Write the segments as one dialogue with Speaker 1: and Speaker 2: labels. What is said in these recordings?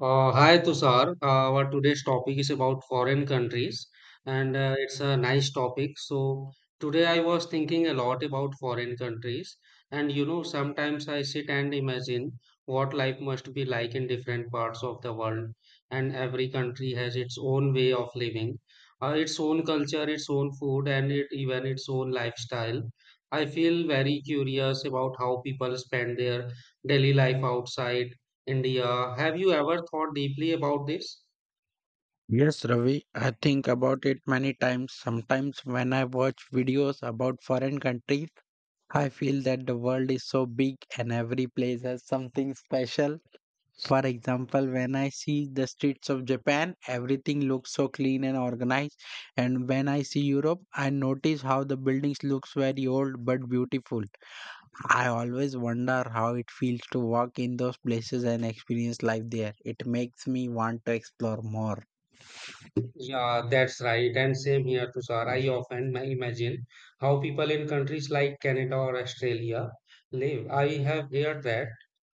Speaker 1: Hi Tushar, our today's topic is about foreign countries, and it's a nice topic. So today I was thinking a lot about foreign countries, and sometimes I sit and imagine what life must be like in different parts of the world. And every country has its own way of living, its own culture, its own food, and it, even its own lifestyle. I feel very curious about how people spend their daily life outside India. Have you ever thought deeply about this?
Speaker 2: Yes, Ravi, I think about it many times. Sometimes when I watch videos about foreign countries, I feel that the world is so big and every place has something special. For example, when I see the streets of Japan, everything looks so clean and organized. And when I see Europe, I notice how the buildings looks very old but beautiful. I always wonder how it feels to walk in those places and experience life there. It makes me want to explore more.
Speaker 1: Yeah, that's right. And same here, Tushar. I often imagine how people in countries like Canada or Australia live. I have heard that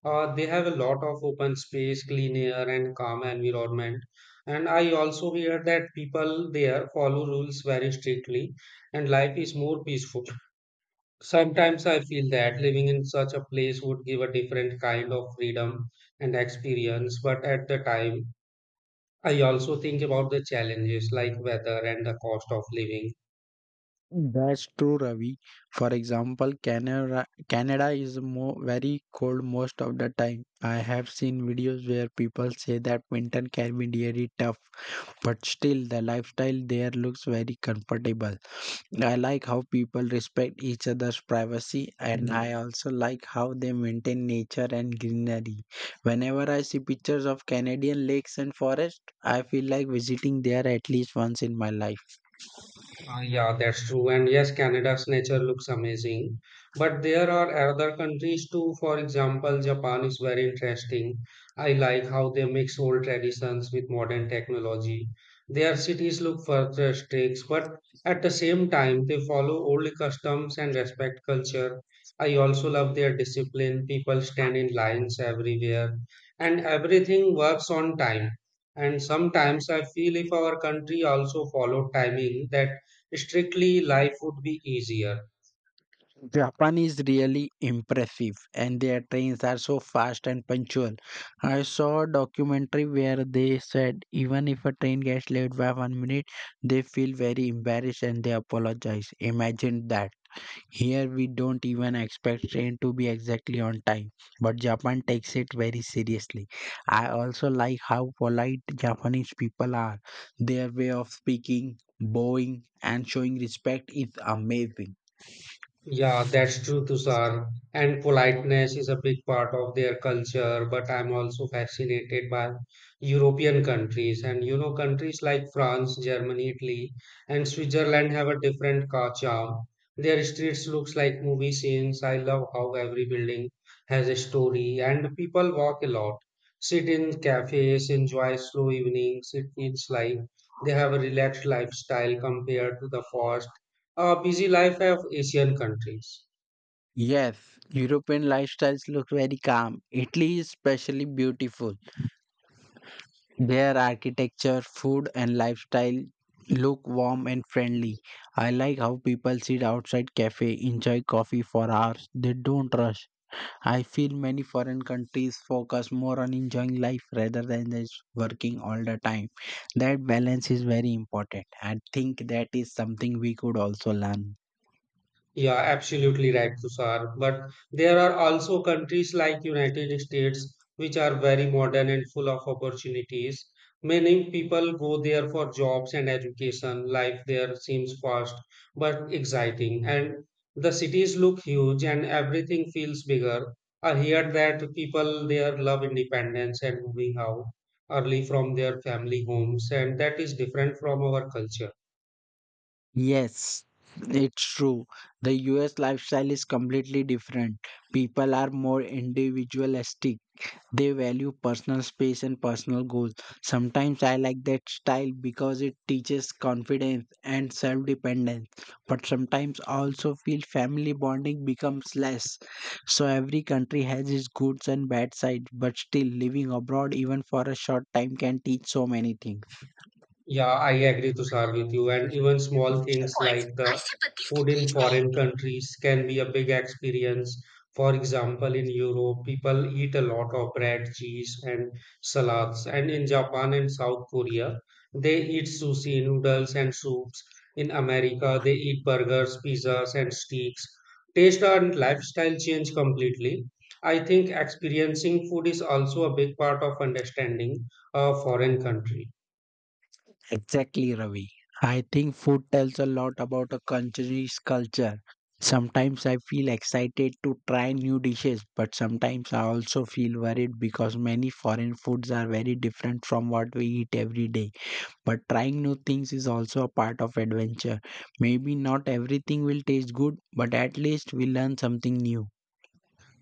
Speaker 1: they have a lot of open space, clean air, and calm environment. And I also hear that people there follow rules very strictly, and life is more peaceful. Sometimes I feel that living in such a place would give a different kind of freedom and experience, but at the time, I also think about the challenges like weather and the cost of living.
Speaker 2: That's true, Ravi. For example, Canada is more very cold most of the time. I have seen videos where people say that winter can be really tough, but still the lifestyle there looks very comfortable. I like how people respect each other's privacy, and I also like how they maintain nature and greenery. Whenever I see pictures of Canadian lakes and forests, I feel like visiting there at least once in my life.
Speaker 1: Yeah, that's true. And yes, Canada's nature looks amazing. But there are other countries too. For example, Japan is very interesting. I like how they mix old traditions with modern technology. Their cities look futuristic, but at the same time, they follow old customs and respect culture. I also love their discipline. People stand in lines everywhere, and everything works on time. And sometimes I feel if our country also followed timing that strictly, life would be easier.
Speaker 2: Japan is really impressive, and their trains are so fast and punctual. I saw a documentary where they said even if a train gets late by 1 minute, they feel very embarrassed and they apologize. Imagine that. Here we don't even expect train to be exactly on time, but Japan takes it very seriously. I also like how polite Japanese people are. Their way of speaking, bowing, and showing respect is amazing.
Speaker 1: Yeah, that's true, Tushar. And politeness is a big part of their culture, but I'm also fascinated by European countries. And countries like France, Germany, Italy, and Switzerland have a different car charm. Their streets looks like movie scenes. I love how every building has a story, and people walk a lot, sit in cafes, enjoy slow evenings. It feels like they have a relaxed lifestyle compared to the fast a busy life of Asian countries.
Speaker 2: Yes, European lifestyles look very calm. Italy is especially beautiful. Their architecture, food, and lifestyle look warm and friendly. I like how people sit outside cafe, enjoy coffee for hours. They don't rush. I feel many foreign countries focus more on enjoying life rather than just working all the time. That balance is very important. I think that is something we could also learn.
Speaker 1: Yeah, absolutely right, Tushar. But there are also countries like United States which are very modern and full of opportunities. Many people go there for jobs and education. Life there seems fast but exciting, and the cities look huge and everything feels bigger. I hear that people there love independence and moving out early from their family homes, and that is different from our culture.
Speaker 2: Yes, it's true. The US lifestyle is completely different. People are more individualistic. They value personal space and personal goals. Sometimes I like that style because it teaches confidence and self-dependence. But sometimes I also feel family bonding becomes less. So every country has its good and bad sides, but still living abroad even for a short time can teach so many things.
Speaker 1: Yeah, I agree, Tushar, with you. And even small things like the food in foreign countries can be a big experience. For example, in Europe, people eat a lot of bread, cheese, and salads. And in Japan and South Korea, they eat sushi, noodles, and soups. In America, they eat burgers, pizzas, and steaks. Taste and lifestyle change completely. I think experiencing food is also a big part of understanding a foreign country.
Speaker 2: Exactly, Ravi. I think food tells a lot about a country's culture. Sometimes I feel excited to try new dishes, but sometimes I also feel worried because many foreign foods are very different from what we eat every day. But trying new things is also a part of adventure. Maybe not everything will taste good, but at least we learn something new.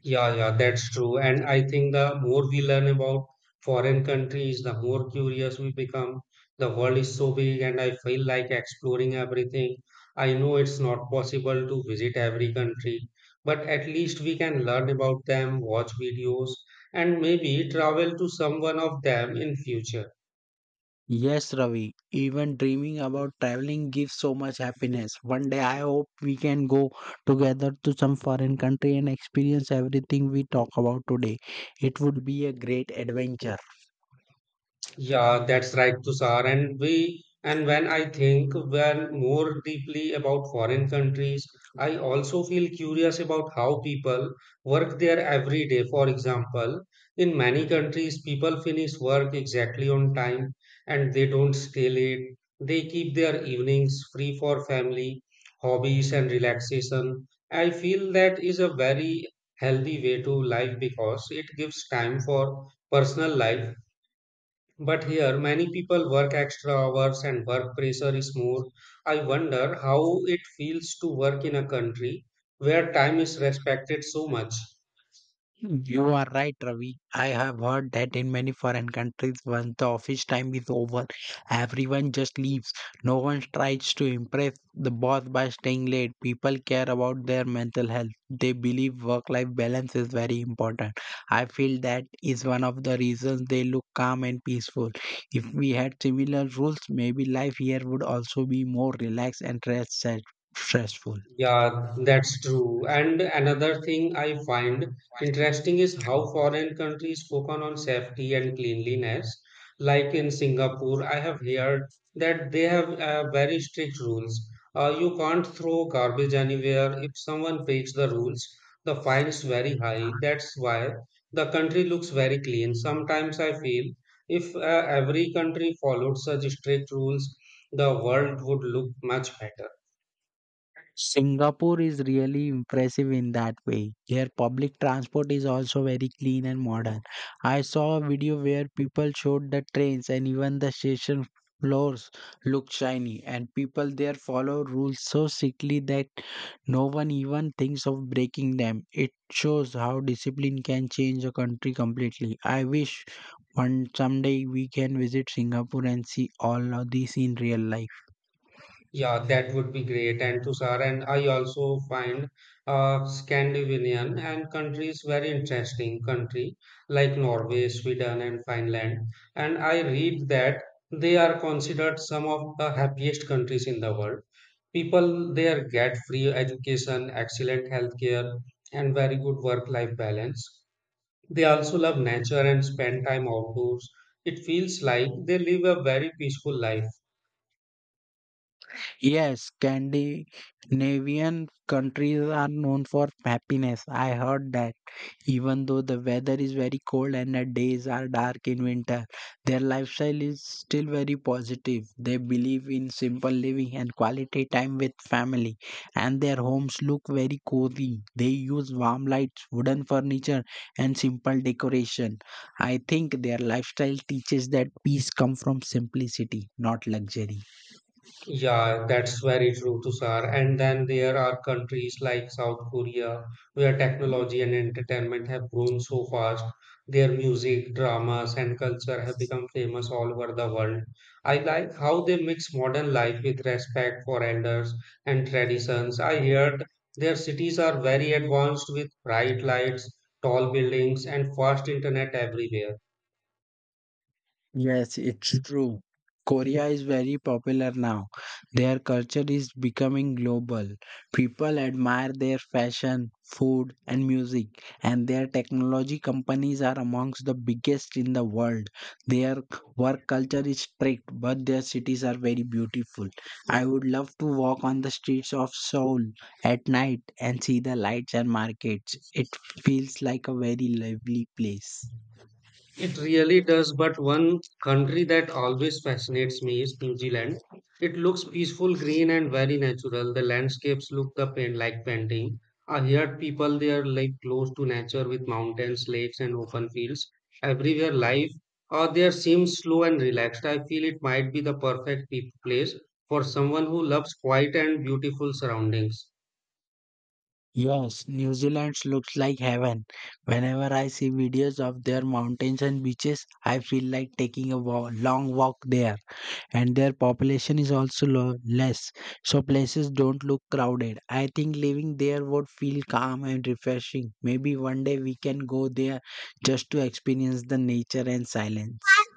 Speaker 1: Yeah, yeah, that's true. And I think the more we learn about foreign countries, the more curious we become. The world is so big, and I feel like exploring everything. I know it's not possible to visit every country, but at least we can learn about them, watch videos, and maybe travel to some one of them in future.
Speaker 2: Yes, Ravi, even dreaming about traveling gives so much happiness. One day I hope we can go together to some foreign country and experience everything we talk about today. It would be a great adventure.
Speaker 1: Yeah, that's right, Tushar. And when I think when more deeply about foreign countries, I also feel curious about how people work there every day. For example, in many countries, people finish work exactly on time and they don't stay late. They keep their evenings free for family, hobbies, and relaxation. I feel that is a very healthy way to life because it gives time for personal life, but here, many people work extra hours and work pressure is more. I wonder how it feels to work in a country where time is respected so much.
Speaker 2: You are right, Ravi. I have heard that in many foreign countries, once the office time is over, everyone just leaves. No one tries to impress the boss by staying late. People care about their mental health. They believe work life balance is very important. I feel that is one of the reasons they look calm and peaceful. If we had similar rules, maybe life here would also be more relaxed and less stressful.
Speaker 1: Yeah, that's true. And another thing I find interesting is how foreign countries focus on safety and cleanliness. Like in Singapore, I have heard that they have very strict rules. You can't throw garbage anywhere. If someone breaks the rules, the fine's very high. That's why the country looks very clean. Sometimes I feel if every country followed such strict rules, the world would look much better.
Speaker 2: Singapore is really impressive in that way. Their public transport is also very clean and modern. I saw a video where people showed the trains and even the station floors look shiny, and people there follow rules so strictly that no one even thinks of breaking them. It shows how discipline can change a country completely. I wish one someday we can visit Singapore and see all of this in real life.
Speaker 1: Yeah, that would be great. And Tushar, and I also find Scandinavian and countries very interesting country like Norway, Sweden, and Finland. And I read that they are considered some of the happiest countries in the world. People there get free education, excellent healthcare, and very good work-life balance. They also love nature and spend time outdoors. It feels like they live a very peaceful life.
Speaker 2: Yes, Scandinavian countries are known for happiness. I heard that. Even though the weather is very cold and the days are dark in winter, their lifestyle is still very positive. They believe in simple living and quality time with family, and their homes look very cozy. They use warm lights, wooden furniture, and simple decoration. I think their lifestyle teaches that peace comes from simplicity, not luxury.
Speaker 1: Yeah, that's very true, Tushar. And then there are countries like South Korea where technology and entertainment have grown so fast. Their music, dramas, and culture have become famous all over the world. I like how they mix modern life with respect for elders and traditions. I heard their cities are very advanced with bright lights, tall buildings, and fast internet everywhere.
Speaker 2: Yes, it's true. Korea is very popular now. Their culture is becoming global. People admire their fashion, food, and music, and their technology companies are amongst the biggest in the world. Their work culture is strict, but their cities are very beautiful. I would love to walk on the streets of Seoul at night and see the lights and markets. It feels like a very lively place.
Speaker 1: It really does, but one country that always fascinates me is New Zealand. It looks peaceful, green, and very natural. The landscapes look the paint like painting. I heard people there like close to nature with mountains, lakes, and open fields. Everywhere life or there seems slow and relaxed. I feel it might be the perfect place for someone who loves quiet and beautiful surroundings.
Speaker 2: Yes, New Zealand looks like heaven. Whenever I see videos of their mountains and beaches, I feel like taking a long walk there. And their population is also less, so places don't look crowded. I think living there would feel calm and refreshing. Maybe one day we can go there just to experience the nature and silence.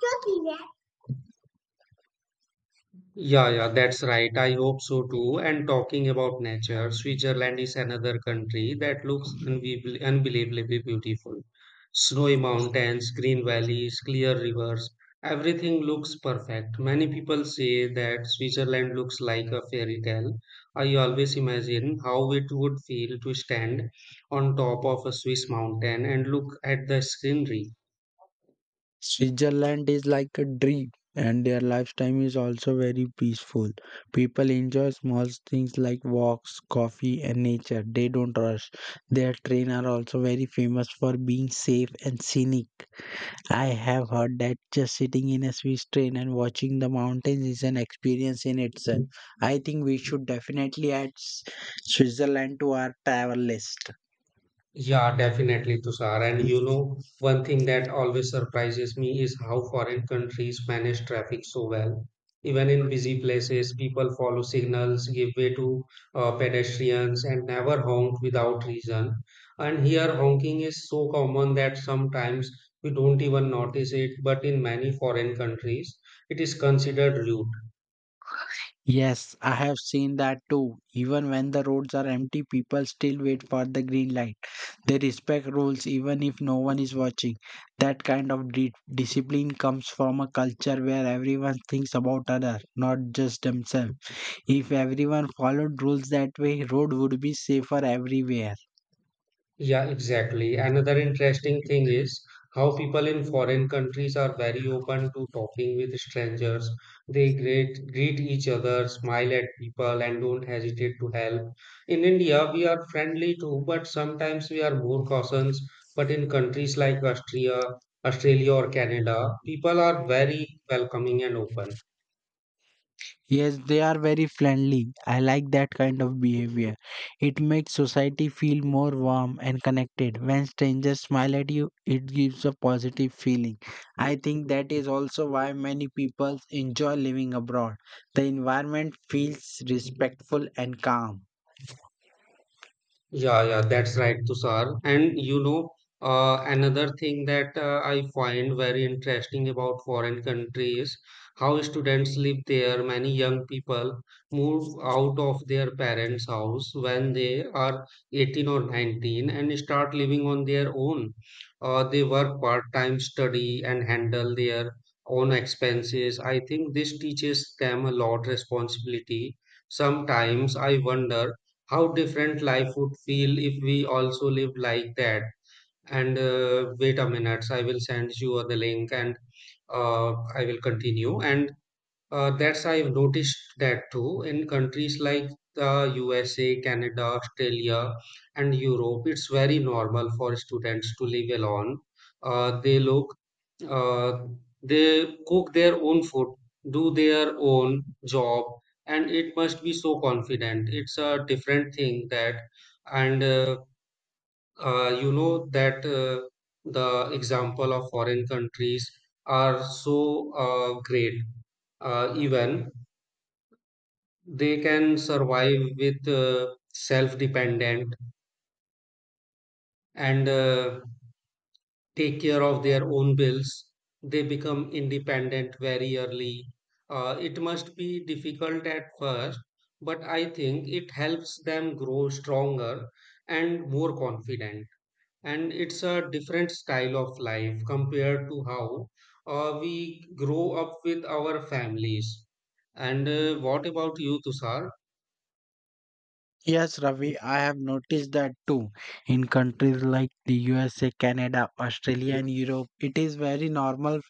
Speaker 1: Yeah, yeah, that's right. I hope so too. And talking about nature, Switzerland is another country that looks unbelievably beautiful. Snowy mountains, green valleys, clear rivers, everything looks perfect. Many people say that Switzerland looks like a fairy tale. I always imagine how it would feel to stand on top of a Swiss mountain and look at the scenery.
Speaker 2: Switzerland is like a dream, and their lifestyle is also very peaceful. People enjoy small things like walks, coffee, and nature. They don't rush. Their train are also very famous for being safe and scenic. I have heard that just sitting in a Swiss train and watching the mountains is an experience in itself. I think we should definitely add Switzerland to our travel list.
Speaker 1: Yeah, definitely, Tushar. And one thing that always surprises me is how foreign countries manage traffic so well. Even in busy places, people follow signals, give way to pedestrians, and never honk without reason. And here, honking is so common that sometimes we don't even notice it, but in many foreign countries, it is considered rude.
Speaker 2: Yes, I have seen that too. Even when the roads are empty, people still wait for the green light. They respect rules even if no one is watching. That kind of discipline comes from a culture where everyone thinks about other, not just themselves. If everyone followed rules that way, road would be safer everywhere.
Speaker 1: Yeah, exactly. Another interesting thing is how people in foreign countries are very open to talking with strangers. They greet each other, smile at people, and don't hesitate to help. In India, we are friendly too, but sometimes we are more cautious. But in countries like Austria, Australia, or Canada, people are very welcoming and open.
Speaker 2: Yes, they are very friendly. I like that kind of behavior. It makes society feel more warm and connected. When strangers smile at you, it gives a positive feeling. I think that is also why many people enjoy living abroad. The environment feels respectful and calm.
Speaker 1: Yeah, yeah, that's right, Tushar. And another thing that I find very interesting about foreign countries, how students live there. Many young people move out of their parents' house when they are 18 or 19 and start living on their own. They work part-time, study, and handle their own expenses. I think this teaches them a lot responsibility. Sometimes I wonder how different life would feel if we also live like that. And Wait a minute, I will send you the link. And uh, I will continue. And that's I've noticed that too in countries like the USA, Canada, Australia, and Europe. It's very normal for students to live alone. Uh, they look, uh, they cook their own food, do their own job, and it must be so confident. It's a different thing that, and that the example of foreign countries are so great, even they can survive with self dependent, and take care of their own bills. They become independent very early. It must be difficult at first, but I think it helps them grow stronger and more confident. And it's a different style of life compared to how we grow up with our families. And what about you, Tushar?
Speaker 2: Yes, Ravi, I have noticed that too. In countries like the USA, Canada, Australia, and Europe, it is very normal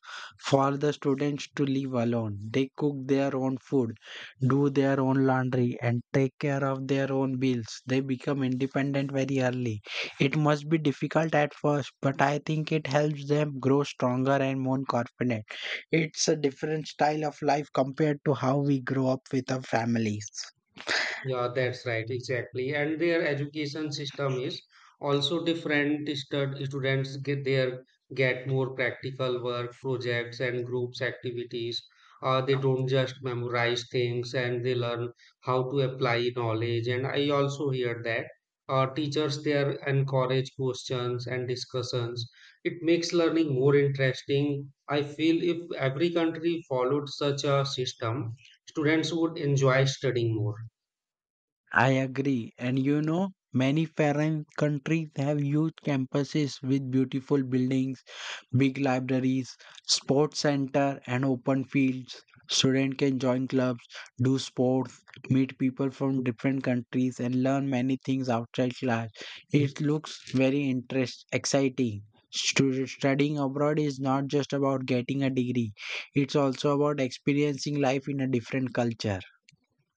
Speaker 2: for the students to live alone. They cook their own food, do their own laundry, and take care of their own bills. They become independent very early. It must be difficult at first, but I think it helps them grow stronger and more confident. It's a different style of life compared to how we grow up with our families.
Speaker 1: Yeah, that's right, exactly. And their education system is also different. Students get more practical work, projects, and groups activities. They don't just memorize things, and they learn how to apply knowledge. And I also hear that teachers there encourage questions and discussions. It makes learning more interesting. I feel if every country followed such a system, students would enjoy studying more.
Speaker 2: I agree. And you know, many foreign countries have huge campuses with beautiful buildings, big libraries, sports center, and open fields. Students can join clubs, do sports, meet people from different countries, and learn many things outside class. It looks very interest exciting. Studying abroad is not just about getting a degree; it's also about experiencing life in a different culture.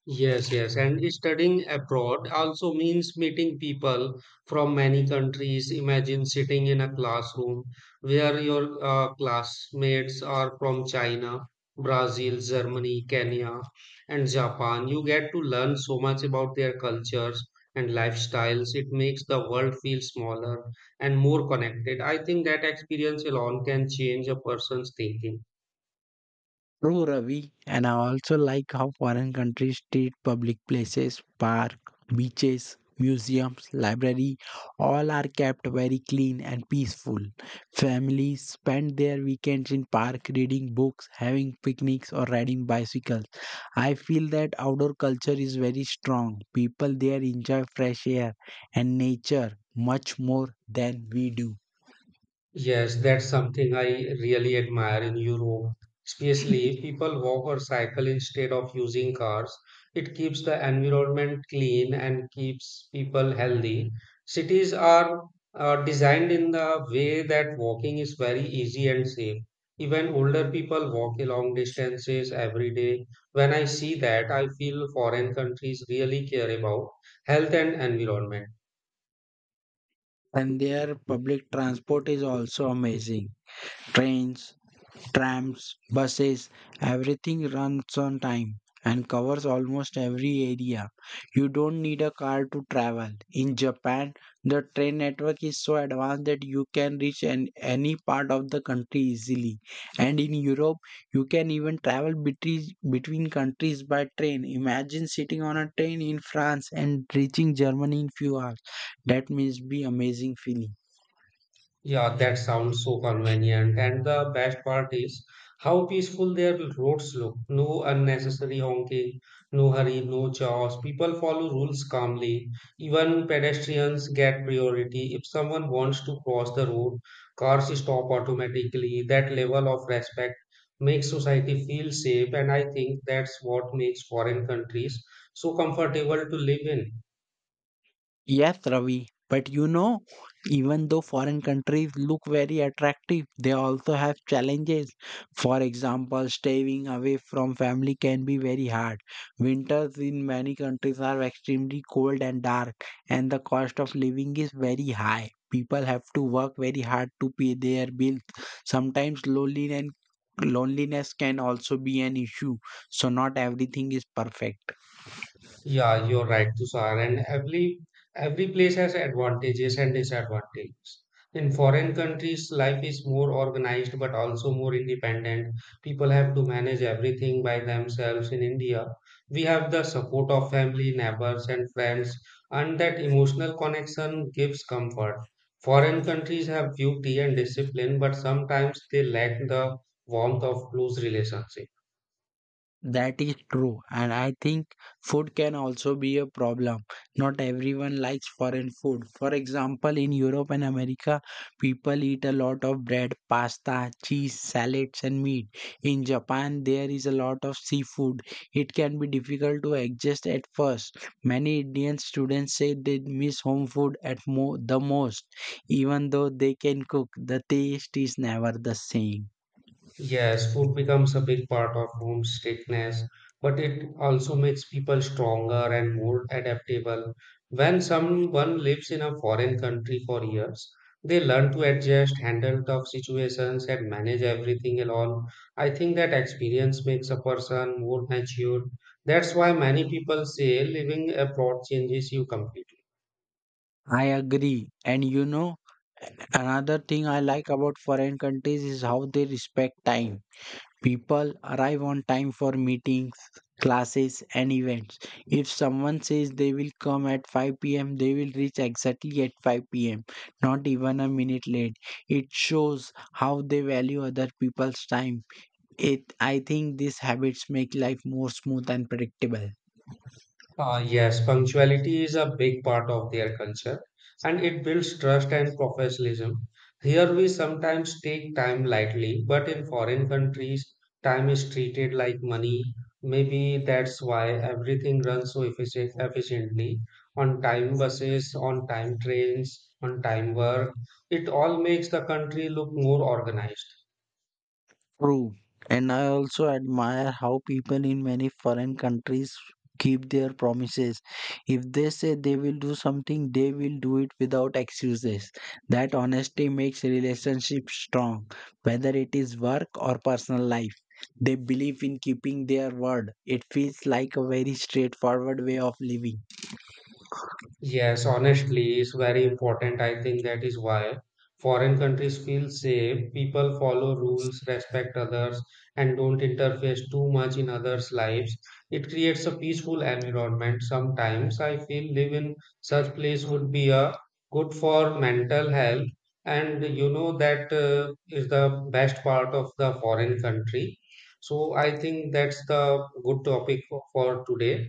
Speaker 1: Yes, yes. And studying abroad also means meeting people from many countries. Imagine sitting in a classroom where your classmates are from China, Brazil, Germany, Kenya, and Japan. You get to learn so much about their cultures and lifestyles. It makes the world feel smaller and more connected. I think that experience alone can change a person's thinking.
Speaker 2: True, Ravi. And I also like how foreign countries treat public places, park, beaches, museums, library, all are kept very clean and peaceful. Families spend their weekends in park reading books, having picnics or riding bicycles. I feel that outdoor culture is very strong. People there enjoy fresh air and nature much more than we do.
Speaker 1: Yes, that's something I really admire in Europe. Especially people walk or cycle instead of using cars. It keeps the environment clean and keeps people healthy. Cities are designed in the way that walking is very easy and safe. Even older people walk long distances every day. When I see that, I feel foreign countries really care about health and environment.
Speaker 2: And their public transport is also amazing trains, trams, buses, everything runs on time and covers almost every area. You don't need a car to travel. In Japan, the train network is so advanced that you can reach any part of the country easily. And in Europe, you can even travel between countries by train. Imagine sitting on a train in France and reaching Germany in few hours. That must be amazing feeling.
Speaker 1: Yeah, that sounds so convenient. And the best part is how peaceful their roads look. No unnecessary honking, no hurry, no chaos. People follow rules calmly. Even pedestrians get priority. If someone wants to cross the road, cars stop automatically. That level of respect makes society feel safe, and I think that's what makes foreign countries so comfortable to live in.
Speaker 2: Yes, Ravi. But you know, even though foreign countries look very attractive, they also have challenges. For example, staying away from family can be very hard. Winters in many countries are extremely cold and dark, and the cost of living is very high. People have to work very hard to pay their bills. Sometimes loneliness can also be an issue. So not everything is perfect.
Speaker 1: Yeah, you're right, Tushar. And every place has advantages and disadvantages. In foreign countries, life is more organized but also more independent. People have to manage everything by themselves. In India, we have the support of family, neighbors, and friends, and that emotional connection gives comfort. Foreign countries have duty and discipline, but sometimes they lack the warmth of close relationships.
Speaker 2: That is true, and I think food can also be a problem. Not everyone likes foreign food. For example, in Europe and America, people eat a lot of bread, pasta, cheese, salads, and meat. In Japan, there is a lot of seafood. It can be difficult to adjust at first. Many Indian students say they miss home food at the most, even though they can cook. The taste is never the same.
Speaker 1: Yes, food becomes a big part of homesickness, but it also makes people stronger and more adaptable. When someone lives in a foreign country for years, they learn to adjust, handle tough situations, and manage everything alone. I think that experience makes a person more mature. That's why many people say living abroad changes you completely.
Speaker 2: I agree. And you know, another thing I like about foreign countries is how they respect time. People arrive on time for meetings, classes, and events. If someone says they will come at 5 p.m., they will reach exactly at 5 p.m., not even a minute late. It shows how they value other people's time. It, I think these habits make life more smooth and predictable.
Speaker 1: Ah, yes, punctuality is a big part of their culture, and it builds trust and professionalism. Here we sometimes take time lightly, but in foreign countries, time is treated like money. Maybe that's why everything runs so efficiently, on time buses, on time trains, on time work. It all makes the country look more organized.
Speaker 2: True. And I also admire how people in many foreign countries keep their promises. If they say they will do something, they will do it without excuses. That honesty makes relationships strong, whether it is work or personal life. They believe in keeping their word. It feels like a very straightforward way of living.
Speaker 1: Yes, honestly, it's very important. I think that is why foreign countries feel safe. People follow rules, respect others, and don't interfere too much in others' lives. It creates a peaceful environment. Sometimes I feel live in such place would be a good for mental health. And you know that is the best part of the foreign country. So I think that's the good topic for today.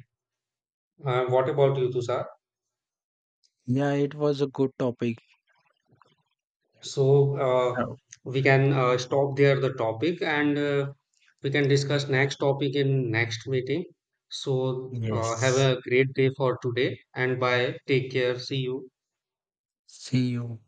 Speaker 1: What about you, Tushar?
Speaker 2: Yeah, it was a good topic.
Speaker 1: So
Speaker 2: Oh,
Speaker 1: we can stop there the topic, and we can discuss next topic in next meeting. So have
Speaker 2: yes.
Speaker 1: a great day for today and bye. Take care. See you.
Speaker 2: See you.